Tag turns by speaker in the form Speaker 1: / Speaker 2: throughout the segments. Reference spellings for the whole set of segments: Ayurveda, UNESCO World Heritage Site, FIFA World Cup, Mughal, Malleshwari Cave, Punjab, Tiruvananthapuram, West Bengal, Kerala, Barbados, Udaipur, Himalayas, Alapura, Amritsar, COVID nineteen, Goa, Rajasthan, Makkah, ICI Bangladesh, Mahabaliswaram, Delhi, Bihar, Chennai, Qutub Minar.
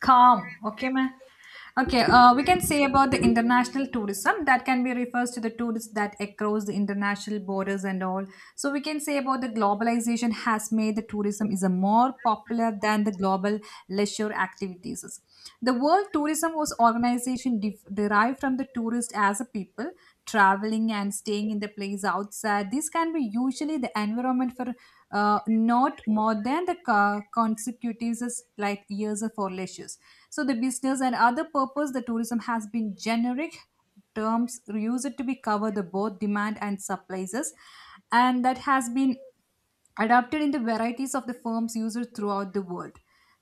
Speaker 1: Calm, okay mı? Okay, we can say about the international tourism that can be refers to the tourists that across the international borders and all. So we can say about the globalization has made the tourism is a more popular than the global leisure activities. The World Tourism was organization derived from the tourist as a people traveling and staying in the place outside. This can be usually the environment for not more than the consecutives like years of for leisure. So the business and other purpose the tourism has been generic terms used to be cover the both demand and supplies and that has been adapted in the varieties of the firms used throughout the world.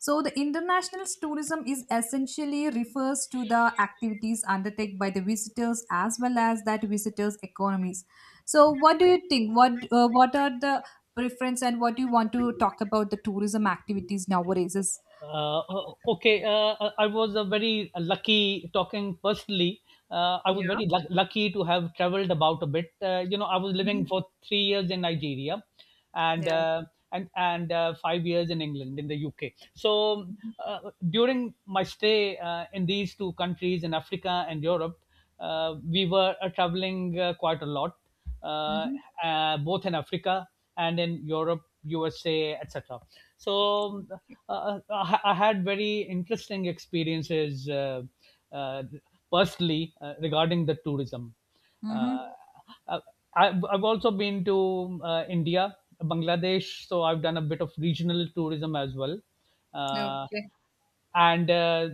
Speaker 1: So the international tourism is essentially refers to the activities undertaken by the visitors as well as that visitors economies. So what do you think? What are the preference and what do you want to talk about the tourism activities nowadays? Is
Speaker 2: uh, okay, I was a very lucky talking personally. I was
Speaker 1: Yeah.
Speaker 2: very lucky to have traveled about a bit, you know, I was living
Speaker 1: Mhm.
Speaker 2: for 3 years in Nigeria, and
Speaker 1: Yeah.
Speaker 2: uh, and 5 years in England, in the UK. So uh, during my stay in these two countries, in Africa and Europe, uh, we were traveling quite a lot, uh,
Speaker 1: Mhm.
Speaker 2: both in Africa and in Europe, USA, etc. So I had very interesting experiences, uh, personally, regarding the tourism. Uh,
Speaker 1: Mhm.
Speaker 2: uh, I've also been to India, Bangladesh, so I've done a bit of regional tourism as well. Uh,
Speaker 1: Okay.
Speaker 2: and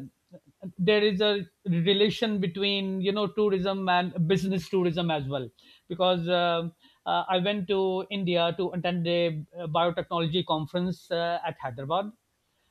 Speaker 2: there is a relation between, you know, tourism and business tourism as well, because I went to India to attend a biotechnology conference at Hyderabad.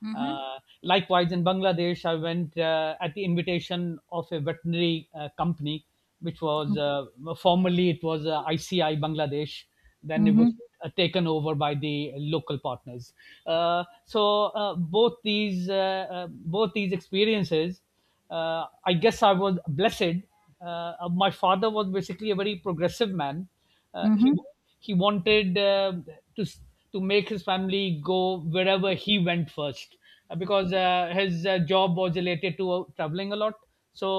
Speaker 1: Mhm.
Speaker 2: uh, Likewise, in Bangladesh, I went at the invitation of a veterinary company, which was formerly, it was ICI Bangladesh, then it was
Speaker 1: Mm-hmm.
Speaker 2: taken over by the local partners. So both these, both these experiences, I guess I was blessed. My father was basically a very progressive man. Uh,
Speaker 1: Mm-hmm.
Speaker 2: he he wanted to s- to make his family go wherever he went first, because his job was related to traveling a lot.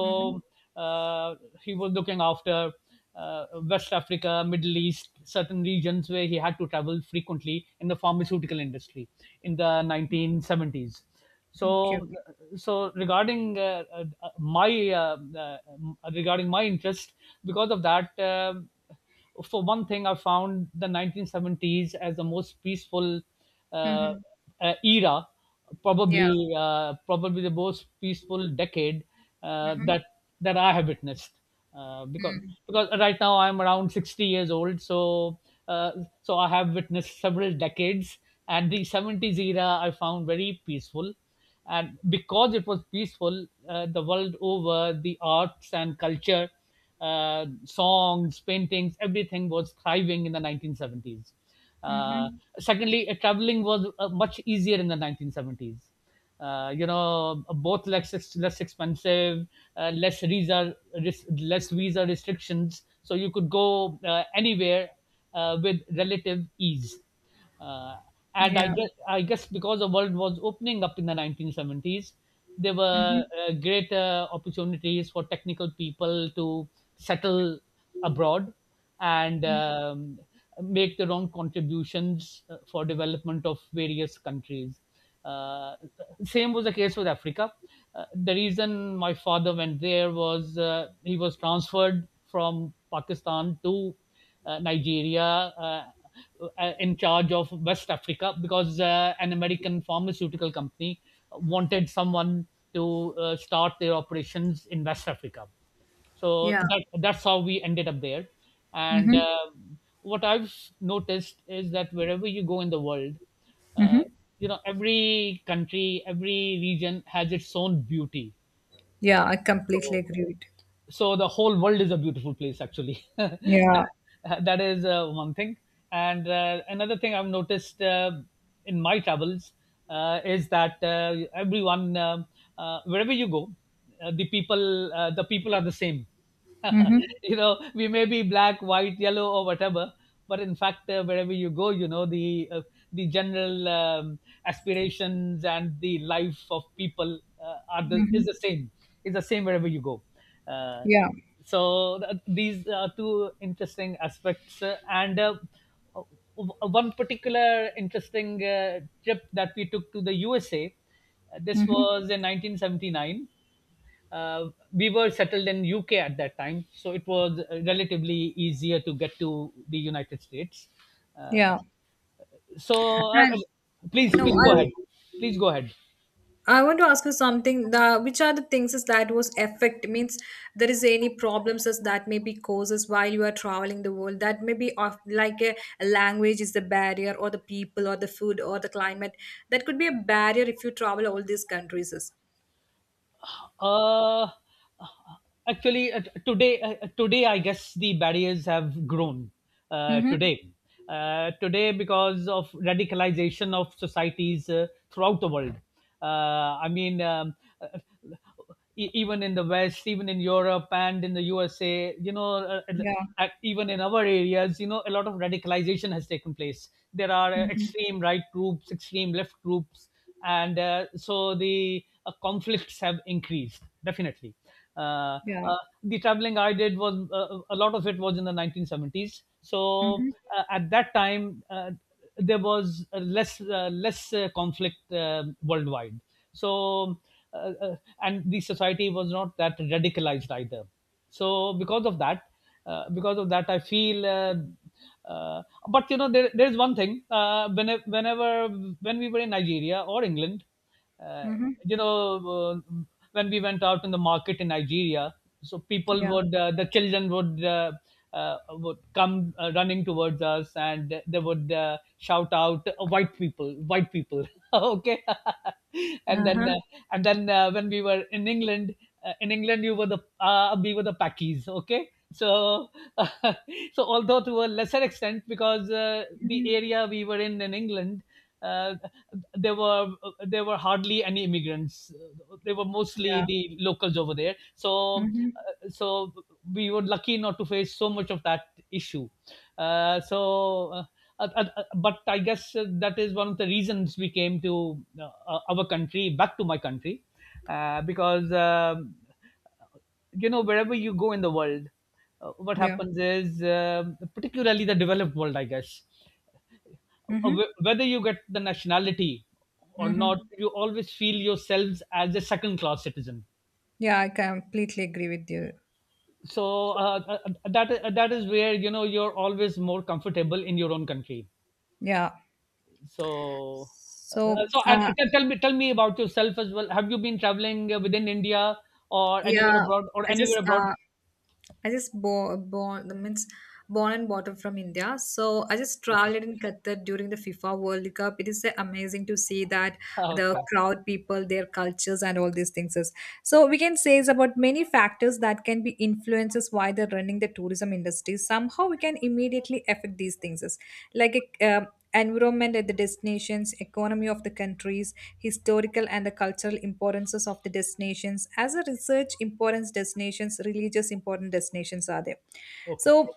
Speaker 1: Mhm.
Speaker 2: uh, he was looking after West Africa, Middle East, certain regions where he had to travel frequently in the pharmaceutical industry in the 1970s.
Speaker 1: Okay, okay.
Speaker 2: So, so regarding my regarding my interest, because of that. For one thing, I found the 1970s as the most peaceful uh,
Speaker 1: Mhm.
Speaker 2: era,
Speaker 1: Yeah.
Speaker 2: probably the most peaceful decade uh,
Speaker 1: Mhm.
Speaker 2: that that I have witnessed. Uh, because because right now I'm around 60 years old, so uh, so I have witnessed several decades, and the 70s era I found very peaceful, and because it was peaceful, the world over, the arts and culture, songs, paintings, everything was thriving in the 1970s. Uh, secondly, traveling was much easier in the 1970s. You know, both less expensive, uh, less visa less visa restrictions, so you could go anywhere with relative ease, uh, and I
Speaker 1: Yeah.
Speaker 2: guess I guess because the world was opening up in the 1970s, there were greater opportunities for technical people to settle abroad, and make their own contributions for development of various countries. Uh, Same was the case with Africa. The reason my father went there was, he was transferred from Pakistan to Nigeria, in charge of West Africa, because an American pharmaceutical company wanted someone to start their operations in West Africa. So
Speaker 1: Yeah.
Speaker 2: that's how we ended up there. And
Speaker 1: Mhm.
Speaker 2: What I've noticed is that wherever you go in the world, uh, you know, every country, every region has its own beauty.
Speaker 1: Yeah, I completely
Speaker 2: So
Speaker 1: agree with you.
Speaker 2: so the whole world is a beautiful place actually
Speaker 1: Yeah.
Speaker 2: that is, one thing. And Another thing I've noticed, in my travels, is that everyone wherever you go, the people are the same
Speaker 1: Mhm.
Speaker 2: you know, we may be black, white, yellow, or whatever, but in fact, wherever you go, you know, the general, aspirations and the life of people, are the is
Speaker 1: Mhm.
Speaker 2: the same, is the same wherever you go. uh,
Speaker 1: Yeah.
Speaker 2: so th- these are two interesting aspects, and one particular interesting trip that we took to the USA, this
Speaker 1: Mhm.
Speaker 2: was in 1979. We were settled in UK at that time, so it was relatively easier to get to the United States. Uh,
Speaker 1: Yeah.
Speaker 2: so, uh,
Speaker 1: And
Speaker 2: um, Please,
Speaker 1: no,
Speaker 2: please
Speaker 1: I
Speaker 2: go ahead. Please go ahead.
Speaker 1: I want to ask you something. The, which are the things is that was affect means there is any problems as that may be causes while you are traveling the world that may be of like a language is the barrier or the people or the food or the climate that could be a barrier if you travel all these countries. Is.
Speaker 2: Uh, Actually, today, I guess the barriers have grown. Uh,
Speaker 1: Mm-hmm.
Speaker 2: today, Today, because of radicalization of societies throughout the world. I mean, even in the West, even in Europe and in the USA, you know,
Speaker 1: Yeah.
Speaker 2: even in our areas, you know, a lot of radicalization has taken place. There are
Speaker 1: Mm-hmm.
Speaker 2: extreme right groups, extreme left groups, and so the conflicts have increased definitely. uh,
Speaker 1: Yeah.
Speaker 2: uh, the traveling I did was, a lot of it was in the 1970s, so
Speaker 1: Mm-hmm.
Speaker 2: at that time, there was less conflict worldwide, so uh, uh, and the society was not that radicalized either, so because of that, I feel uh, but you know, there's one thing, when we were in Nigeria or England, uh,
Speaker 1: Mm-hmm.
Speaker 2: you know, uh, when we went out in the market in Nigeria, so people
Speaker 1: Yeah.
Speaker 2: would, the children would, uh, would come running towards us, and they would shout out, "White people, white people." Okay. and then
Speaker 1: Uh-huh.
Speaker 2: uh, and then when we were in England, in England, you were the, we were the Packies. Okay. So so although to a lesser extent, because the
Speaker 1: Mm-hmm.
Speaker 2: area we were in England, uh, there were there were hardly any immigrants. They were mostly
Speaker 1: Yeah.
Speaker 2: the locals over there. So
Speaker 1: Mm-hmm.
Speaker 2: uh, so we were lucky not to face so much of that issue. Uh, so. Uh, but I guess that is one of the reasons we came to our country, back to my country, because, you know, wherever you go in the world, what
Speaker 1: Yeah.
Speaker 2: happens is, particularly the developed world, I guess,
Speaker 1: Mm-hmm.
Speaker 2: whether you get the nationality or not,
Speaker 1: Mm-hmm.
Speaker 2: you always feel yourselves as a second-class citizen.
Speaker 1: Yeah, I completely agree with you.
Speaker 2: That is where, you know, you're always more comfortable in your own country.
Speaker 1: Yeah.
Speaker 2: So uh, uh,
Speaker 1: So,
Speaker 2: so and t- tell me, tell me about yourself as well. Have you been traveling within India or anywhere
Speaker 1: yeah,
Speaker 2: abroad, or
Speaker 1: I just
Speaker 2: anywhere abroad?
Speaker 1: uh I just born means born and brought up from India. So I just
Speaker 2: Okay,
Speaker 1: traveled in Qatar during the FIFA World Cup. It is amazing to see that
Speaker 2: ah,
Speaker 1: the
Speaker 2: okay,
Speaker 1: crowd, people, their cultures, and all these things. Is. So we can say is about many factors that can be influences why they're running the tourism industry. Somehow we can immediately affect these things. Is like a environment at the destinations, economy of the countries, historical and the cultural importances of the destinations. As a research importance destinations, religious important destinations are there.
Speaker 2: okay.
Speaker 1: So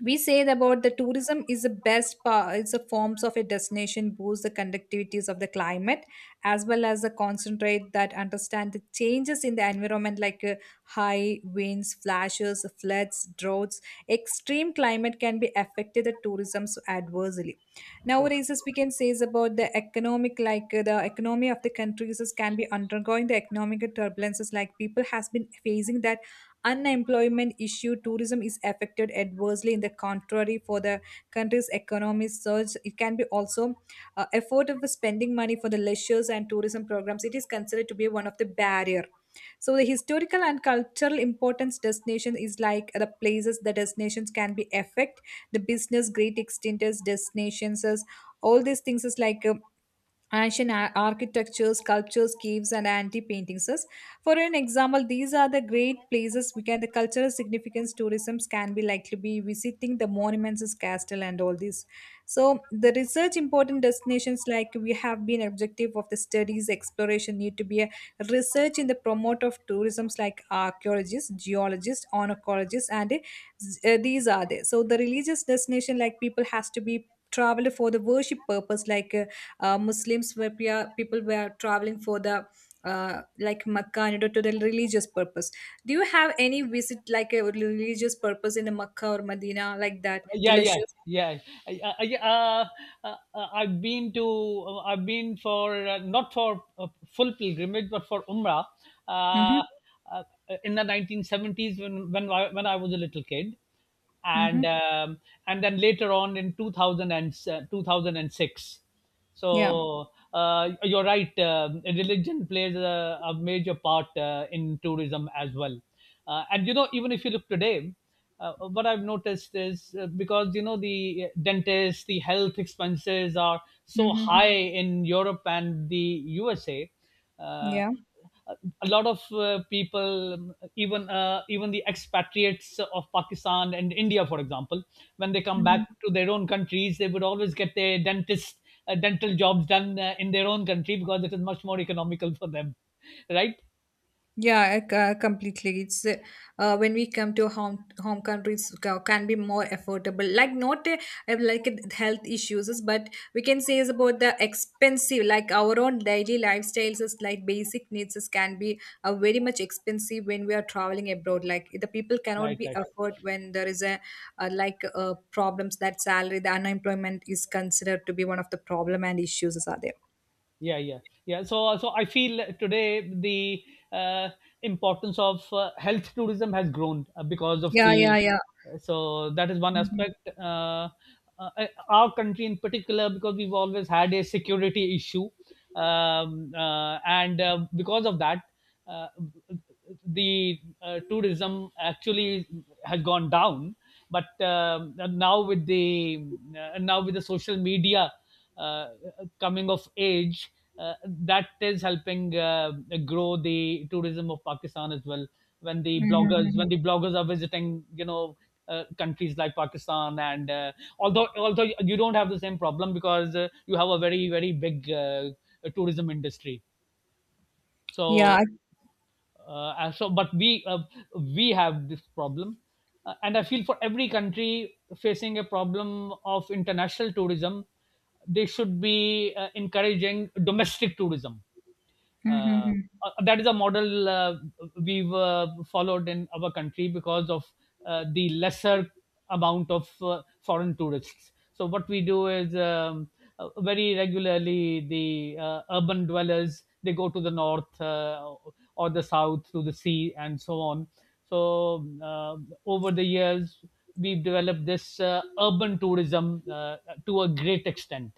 Speaker 1: we said about the tourism is the best part it's the forms of a destination boost the conductivities of the climate as well as the concentrate that understand the changes in the environment like high winds flashes floods droughts extreme climate can be affected the tourism so adversely
Speaker 2: Go.
Speaker 1: nowadays as we can say is about the economic like the economy of the countries is can be undergoing the economic turbulences like people has been facing that unemployment issue tourism is affected adversely in the contrary for the country's economic surge it can be also effort of spending money for the leisures and tourism programs it is considered to be one of the barrier so the historical and cultural importance destination is like the places the destinations can be affect the business great extent as destinations as all these things is like ancient architecture, sculptures, caves, and antique paintings. For an example, these are the great places. We can the cultural significance tourism can be likely be visiting the monuments, is castle, and all this. So the research important destinations like we have been objective of the studies exploration need to be a research in the promote of tourisms like archaeologists, geologists, ornithologists, and these are there. So the religious destination like people has to be traveled for the worship purpose like. Muslims were people were traveling for the like Makkah and to the religious purpose. Do you have any visit like a religious purpose in the Makkah or Medina like that?
Speaker 2: Yeah, yeah,
Speaker 1: Delicious.
Speaker 2: yeah. I, I, I- uh, I've been to, I've been for, not for, full pilgrimage, but for umrah, uh,
Speaker 1: Mm-hmm.
Speaker 2: uh, in the 1970s, when I, when I was a little kid,
Speaker 1: Mm-hmm.
Speaker 2: and um, and then later on, in 2000 and, 2006.
Speaker 1: Yeah.
Speaker 2: So you're right. Religion plays a major part in tourism as well. And you know, even if you look today, what I've noticed is, because you know, the dentists, the health expenses are so high
Speaker 1: Mm-hmm.
Speaker 2: in Europe and the USA. Uh,
Speaker 1: Yeah.
Speaker 2: a lot of people, even the expatriates of Pakistan and India, for example, when they come back to their own countries, they would always get their dentist dental jobs done in their own country because it is much more economical for them, right?
Speaker 1: Yeah, I completely. It's when we come to home countries can be more affordable. Like not like health issues, is, but we can say is about the expensive. Like our own daily lifestyles is like basic needs is, can be very much expensive when we are traveling abroad. Like the people cannot
Speaker 2: Right,
Speaker 1: be
Speaker 2: right.
Speaker 1: afford when there is a like problems that salary the unemployment is considered to be one of the problem and issues is are there.
Speaker 2: Yeah, yeah, yeah. So I feel today, the uh, importance of health tourism has grown because of
Speaker 1: Yeah, yeah,
Speaker 2: the,
Speaker 1: yeah.
Speaker 2: so that is one
Speaker 1: Mhm.
Speaker 2: aspect. Our country in particular, because we've always had a security issue, and because of that, uh, the tourism actually has gone down, but now with the, now with the social media uh, coming of age, that is helping grow the tourism of Pakistan as well, when the
Speaker 1: Mhm,
Speaker 2: bloggers
Speaker 1: mhm.
Speaker 2: when the bloggers are visiting, you know, countries like Pakistan. And Although, although you don't have the same problem, because you have a very, very big tourism industry. so
Speaker 1: Yeah. I-
Speaker 2: uh, and so but we uh, we have this problem, and I feel for every country facing a problem of international tourism, they should be encouraging domestic tourism.
Speaker 1: Mhm,
Speaker 2: uh,
Speaker 1: mhm.
Speaker 2: that is a model we've followed in our country, because of the lesser amount of foreign tourists. So what we do is, very regularly, the urban dwellers, they go to the north, or the south to the sea, and so on. So over the years, we've developed this urban tourism to a great extent.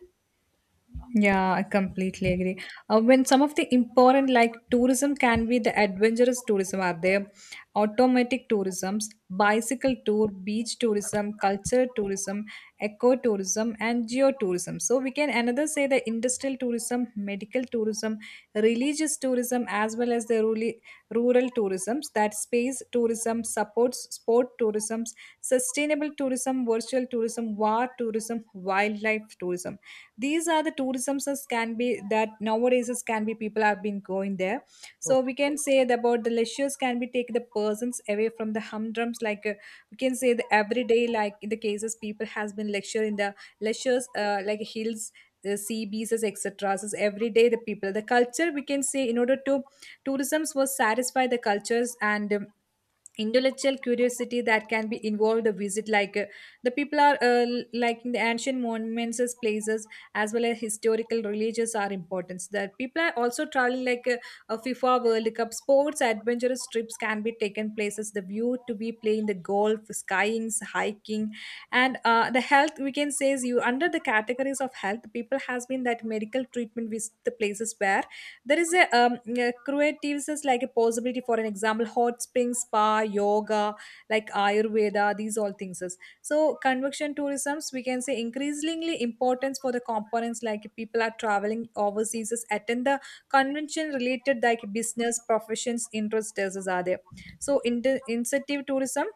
Speaker 1: Yeah, I completely agree. When some of the important, like tourism, can be the adventurous tourism are there, automatic tourisms, bicycle tour, beach tourism, culture tourism, eco tourism, and geotourism. So we can another say the industrial tourism, medical tourism, religious tourism, as well as the rural, rural tourisms. That space tourism supports sport tourisms, sustainable tourism, virtual tourism, war tourism, wildlife tourism, these are the tourisms as can be that nowadays as can be people have been going there so
Speaker 2: Okay.
Speaker 1: we can say that about the leisures can be take the persons away from the humdrums like we can say the everyday like in the cases people has been lecture in the leisures like hills the sea beaches etc so every day the people the culture we can say in order to tourisms was satisfy the cultures and intellectual curiosity that can be involved a visit like the people are like in the ancient monuments as places as well as historical religious are important. So, that people are also traveling like a FIFA World Cup sports adventurous trips can be taken places the view to be playing the golf skiing hiking and the health we can say is you under the categories of health people has been that medical treatment with the places where there is a creatives is like a possibility for an example, hot spring spa, yoga, like Ayurveda, these all things is. So convection tourisms, we can say increasingly importance for the components like people are traveling overseas, is attend the convention related like business professions interests is are there. So in incentive tourism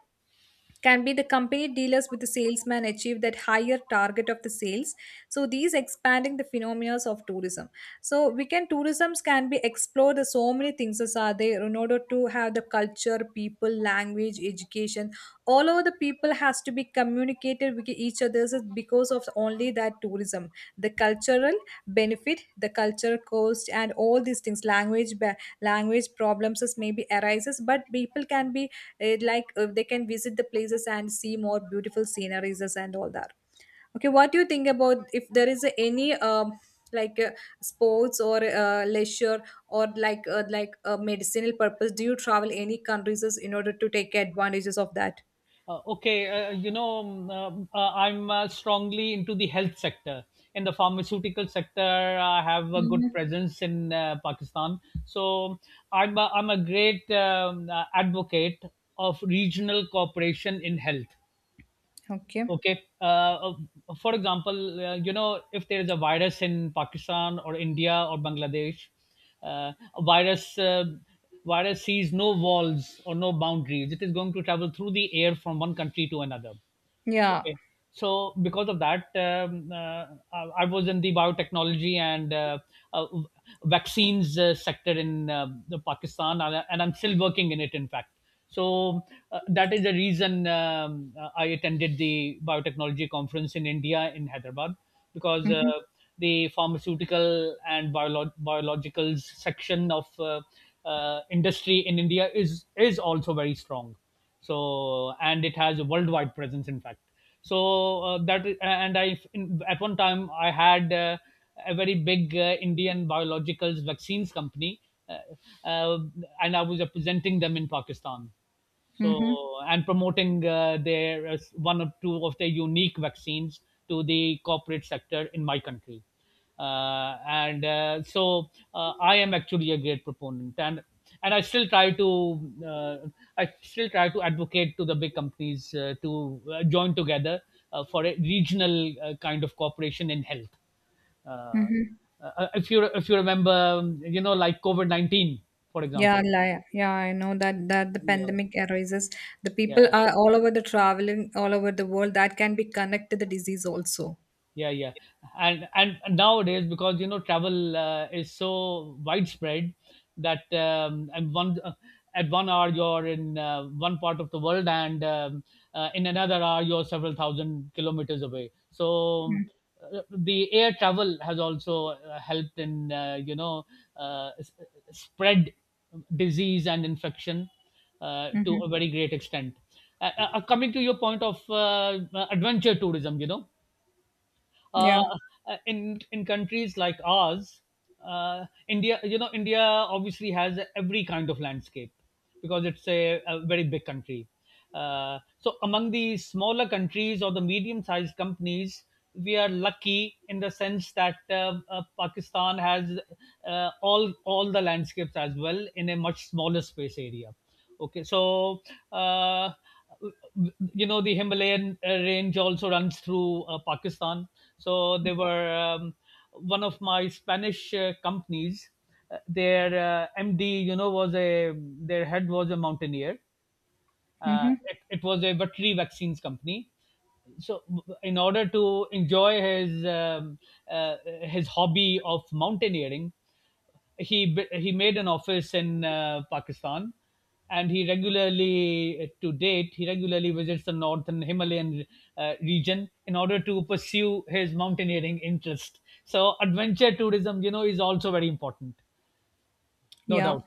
Speaker 1: can be the company dealers with the salesman achieve that higher target of the sales so these expanding the phenomena of tourism so we can tourisms can be explored the so many things as are there in order to have the culture people language education all over the people has to be communicated with each other because of only that tourism the cultural benefit the culture cost and all these things language language problems is maybe arises but people can be it like they can visit the places and see more beautiful sceneries and all that. Okay, what do you think about if there is any like sports or leisure or like a medicinal purpose do you travel any countries in order to take advantages of that?
Speaker 2: Okay, you know, I'm strongly into the health sector. In the pharmaceutical sector, I have a good
Speaker 1: Mm.
Speaker 2: presence in Pakistan. So I'm a great advocate of regional cooperation in health.
Speaker 1: Okay.
Speaker 2: Okay. Uh, for example, you know, if there is a virus in Pakistan or India or Bangladesh, a virus sees no walls or no boundaries. It is going to travel through the air from one country to another.
Speaker 1: Yeah.
Speaker 2: Okay. So because of that, I was in the biotechnology and uh, vaccines sector in the Pakistan, and, I'm still working in it. In fact, so that is the reason I attended the biotechnology conference in India in Hyderabad because
Speaker 1: Mm-hmm.
Speaker 2: the pharmaceutical and biologicals section of industry in India is also very strong, so and it has a worldwide presence, in fact. So that is- and I in, At one time I had a very big Indian biologicals vaccines company, uh, uh, and I was representing them in Pakistan,
Speaker 1: Mm-hmm.
Speaker 2: so, and promoting their, as one or two of their unique vaccines, to the corporate sector in my country. And so I am actually a great proponent, and I still try to uh, I still try to advocate to the big companies to join together for a regional kind of cooperation in health. Uh,
Speaker 1: Mm-hmm.
Speaker 2: if you remember, like COVID 19, for
Speaker 1: Yeah,
Speaker 2: example.
Speaker 1: yeah, I know that that the
Speaker 2: Yeah,
Speaker 1: pandemic arises. The
Speaker 2: yeah.
Speaker 1: people are all over the traveling all over the world. That can be connected to the disease also.
Speaker 2: Yeah, yeah. And nowadays, because you know, travel is so widespread that and one at 1 hour you're in one part of the world, and in another hour you're several thousand kilometers away. So the air travel has also helped in, you know, uh, s- spread disease and infection to
Speaker 1: Mm-hmm.
Speaker 2: a very great extent. Coming to your point of adventure tourism, you know, uh,
Speaker 1: Yeah.
Speaker 2: in countries like ours, India, you know, India obviously has every kind of landscape because it's a very big country. So among the smaller countries or the medium sized companies, we are lucky in the sense that Pakistan has all the landscapes as well in a much smaller space area. Okay, so uh, you know, the Himalayan range also runs through Pakistan. So they were one of my Spanish companies. Their MD, you know, was a, their head was a mountaineer.
Speaker 1: Mm-hmm.
Speaker 2: It was a veterinary vaccines company. So, in order to enjoy his hobby of mountaineering, he made an office in Pakistan, and he regularly, to date, he regularly visits the northern Himalayan region in order to pursue his mountaineering interest. So adventure tourism, you know, is also very important, no
Speaker 1: Yeah.
Speaker 2: doubt.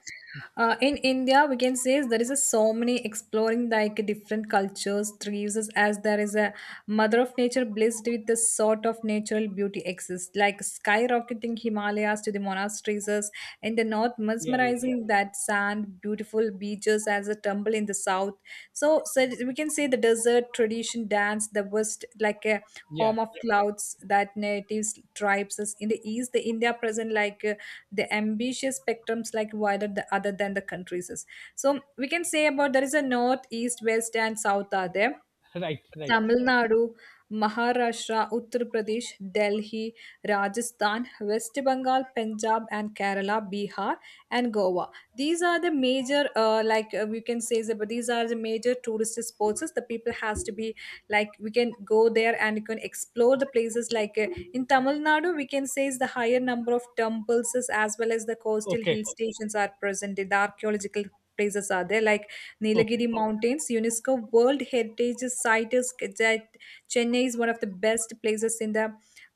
Speaker 1: In India, we can say there is a so many exploring like different cultures, trees, as there is a mother of nature blessed with the sort of natural beauty exists, like skyrocketing Himalayas to the monasteries, as in the north,
Speaker 2: Yeah, yeah,
Speaker 1: mesmerizing that sand, beautiful beaches as a tumble in the south. So, so we can say the desert tradition dance, the west like a
Speaker 2: yeah.
Speaker 1: home of clouds that natives tribes is in the east, the India present like the ambitious spectrums like wider the, other than the countries is. So we can say about there is a north east west and south are there.
Speaker 2: Right, right.
Speaker 1: Tamil Nadu, Maharashtra, Uttar Pradesh, Delhi, Rajasthan, West Bengal, Punjab, and Kerala, Bihar, and Goa. These are the major, like we can say, that, but these are the major tourist spots. The people has to be like we can go there and you can explore the places. Like in Tamil Nadu, we can say is the higher number of temples is as well as the coastal
Speaker 2: Okay,
Speaker 1: hill stations are present. The archaeological places are there like
Speaker 2: okay,
Speaker 1: Nilagiri Mountains, UNESCO World Heritage Site is that Chennai is one of the best places in the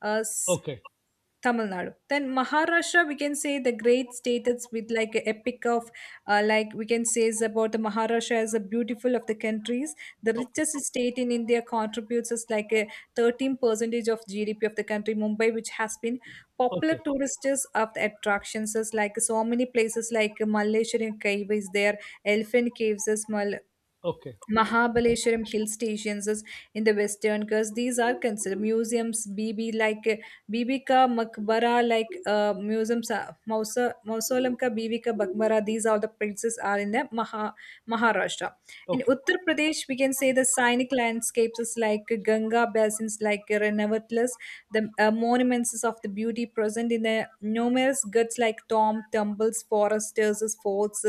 Speaker 1: uh, s-
Speaker 2: okay,
Speaker 1: Tamil Nadu. Then Maharashtra, we can say the great state with like a epic of like we can say is about the Maharashtra as a beautiful of the countries. The
Speaker 2: okay,
Speaker 1: richest state in India contributes is like a 13 percentage of GDP of the country. Mumbai, which has been popular
Speaker 2: okay,
Speaker 1: tourist is of the attractions is like so many places like Malleshwari Cave is there, Elephant Caves is Mal
Speaker 2: okay,
Speaker 1: Mahabaliswaram hill stations is in the western because these are considered museums. BB BB ka Makbara Mausa mausoleum ka BB ka Makbara. These are the places are in the Maharashtra. In
Speaker 2: okay.
Speaker 1: Uttar Pradesh, we can say the scenic landscapes is like Ganga basins like Renavatlas. The monuments is of the beauty present in the numerous goods like tomb, temples, foresters, forts,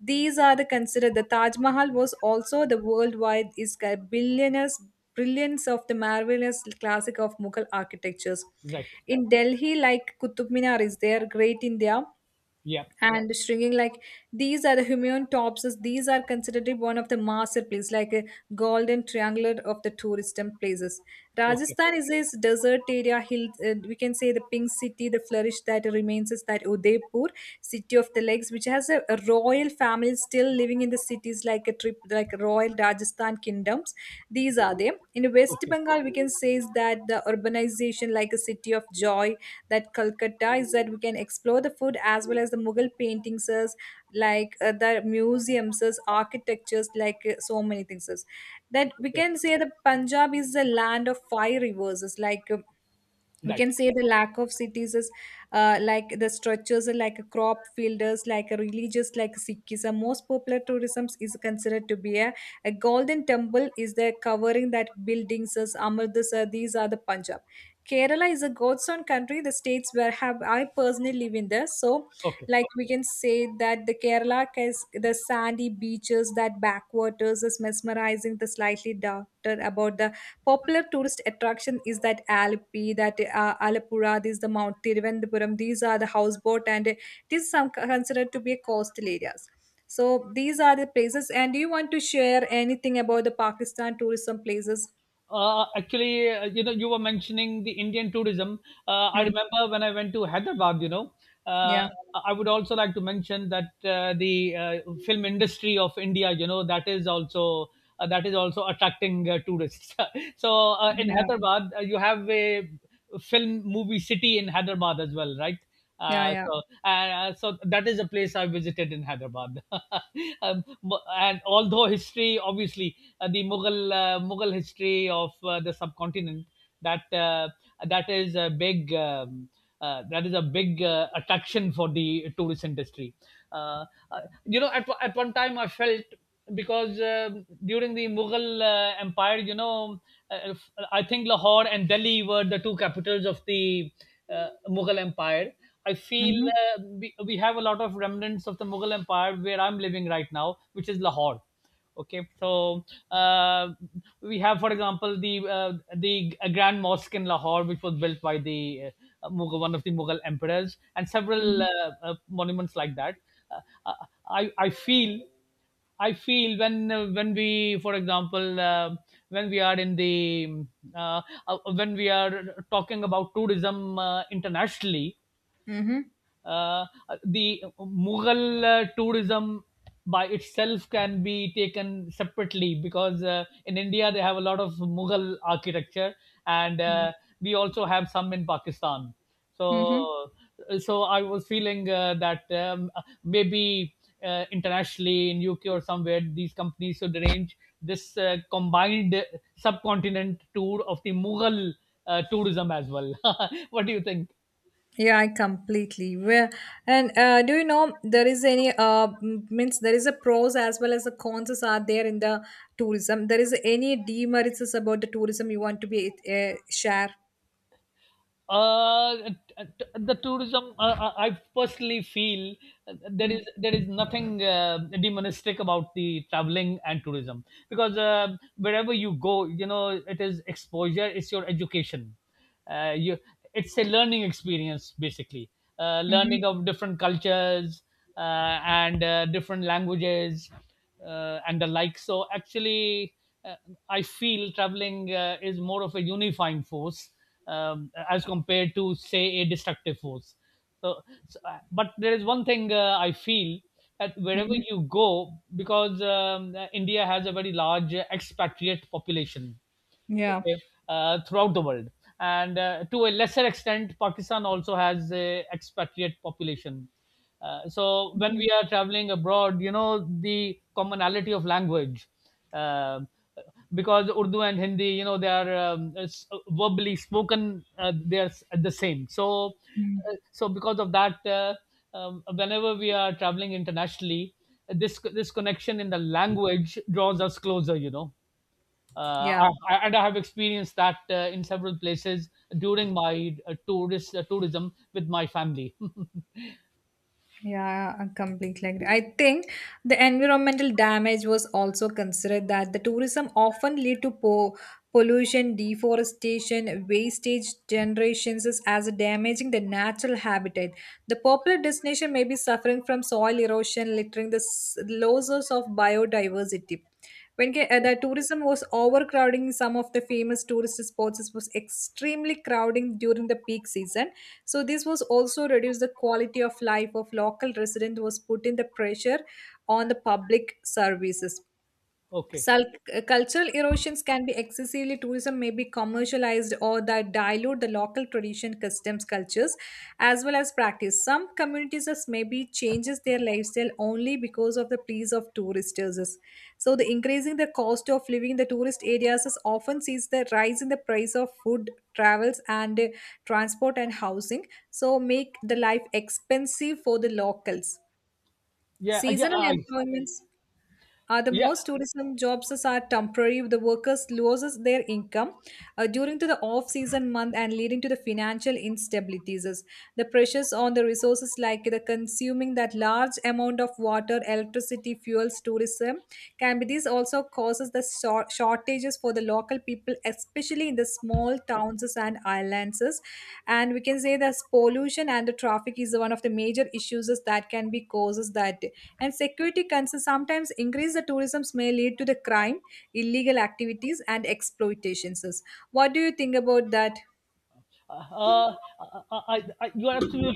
Speaker 1: these are the considered the Taj Mahal was also the worldwide is a billionaires brilliance of the marvelous classic of Mughal architectures.
Speaker 2: Right.
Speaker 1: In Delhi, like Qutub Minar is there, Great India
Speaker 2: Yeah.
Speaker 1: and shrinking like these are the humean topses these are considered one of the masterpiece like a golden triangular of the tourism places.
Speaker 2: Okay.
Speaker 1: Rajasthan is a desert area hill, we can say the pink city the flourish that remains is that Udaipur, city of the lakes, which has a royal family still living in the cities like a trip like royal Rajasthan kingdoms these are them. In West
Speaker 2: Okay.
Speaker 1: Bengal we can say is that the urbanization like a city of joy, that Calcutta is that we can explore the food as well as the Mughal paintings, the museums, architectures, so many things. That we
Speaker 2: Okay,
Speaker 1: can say the Punjab is the land of five rivers, we
Speaker 2: right.
Speaker 1: can say the lack of cities is, like the structures are like crop fielders like a religious like Sikhism. Most popular tourism is considered to be a golden temple is the covering that buildings as Amritsar. These are the Punjab. Kerala is a god's own country, the states where have I personally live in there, so
Speaker 2: Okay.
Speaker 1: like we can say that the Kerala is the sandy beaches that backwaters is mesmerizing the slightly darker about the popular tourist attraction is that Alpi, that Alapura, this is the Mount Tiruvananthapuram, these are the houseboat, and this is some considered to be coastal areas. So these are the places. And do you want to share anything about the Pakistan tourism places?
Speaker 2: Actually, you know, you were mentioning the Indian tourism. I
Speaker 1: Mm,
Speaker 2: remember when I went to Hyderabad, you know, uh,
Speaker 1: yeah,
Speaker 2: I would also like to mention that the film industry of India, you know, that is also attracting tourists. So in
Speaker 1: yeah,
Speaker 2: Hyderabad, you have a film movie city in Hyderabad as well, right?
Speaker 1: yeah,
Speaker 2: Uh,
Speaker 1: yeah.
Speaker 2: so, so that is a place I visited in Hyderabad. Mu- and Although history, obviously, the Mughal Mughal history of the subcontinent, that uh, that is a big that is a big attraction for the tourist industry. Uh, you know, at one time I felt, because during the Mughal Empire, you know, uh, I think Lahore and Delhi were the two capitals of the Mughal Empire. I feel
Speaker 1: Mm-hmm,
Speaker 2: we have a lot of remnants of the Mughal Empire where I'm living right now, which is Lahore. Okay, so uh, we have, for example, the Grand Mosque in Lahore, which was built by the Mughal, one of the Mughal emperors, and several
Speaker 1: mm-hmm,
Speaker 2: monuments like that. Uh, I feel, I feel when we, for example, when we are in the uh, when we are talking about tourism internationally,
Speaker 1: mm-hmm,
Speaker 2: uh, the Mughal tourism by itself can be taken separately, because in India they have a lot of Mughal architecture, and we also have some in Pakistan.
Speaker 1: mm-hmm.
Speaker 2: So, so I was feeling that maybe internationally in UK or somewhere, these companies should arrange this combined subcontinent tour of the Mughal tourism as well. What do you think?
Speaker 1: Yeah, I completely. Where and do you know there is any means there is a pros as well as the cons are there in the tourism. There is any demerits is about the tourism you want to be share.
Speaker 2: uh the tourism, I personally feel, there is
Speaker 1: Mm-hmm.
Speaker 2: there is nothing demonistic about the traveling and tourism, because wherever you go, you know, it is exposure, it's your education, you it's a learning experience basically, learning of different cultures and different languages, and the like. So actually, uh, I feel traveling is more of a unifying force, as compared to say a destructive force. So, so, but there is one thing I feel, that wherever
Speaker 1: Mm-hmm.
Speaker 2: you go, because India has a very large expatriate population,
Speaker 1: Yeah.
Speaker 2: okay, throughout the world, and to a lesser extent, Pakistan also has a expatriate population. So when we are traveling abroad, you know, the commonality of language, uh, because Urdu and Hindi, you know, they are verbally spoken, the same. So
Speaker 1: Mm-hmm.
Speaker 2: so because of that, whenever we are traveling internationally, this connection in the language draws us closer, you know.
Speaker 1: Yeah.
Speaker 2: I- and I have experienced that in several places during my tourist tourism with my family.
Speaker 1: Yeah, I completely agree. I think the environmental damage was also considered that the tourism often lead to pollution, deforestation, wastage generations is- as damaging the natural habitat. The popular destination may be suffering from soil erosion, littering the losses of biodiversity. When the tourism was overcrowding some of the famous tourist spots, was extremely crowding during the peak season. So this was also reduced the quality of life of local resident was put in the pressure on the public services.
Speaker 2: Okay,
Speaker 1: Sul- Cultural erosions can be excessively tourism may be commercialized or that dilute the local tradition customs cultures as well as practice some communities as maybe changes their lifestyle only because of the pleas of tourists, so the increasing the cost of living in the tourist areas is often sees the rise in the price of food, travels and transport and housing so make the life expensive for the locals.
Speaker 2: yeah,
Speaker 1: Seasonal employments, the
Speaker 2: yeah.
Speaker 1: most tourism jobs is are temporary. The workers loses their income during to the off-season month and leading to the financial instabilities. The pressures on the resources like the consuming that large amount of water, electricity, fuels, tourism can be. This also causes the shortages is for the local people, especially in the small towns and islands. And we can say that pollution and the traffic is one of the major issues that can be causes that. And security concerns sometimes increase the tourism may lead to the crime, illegal activities, and exploitations. What do you think about that?
Speaker 2: Uh, uh, uh, I, you are absolutely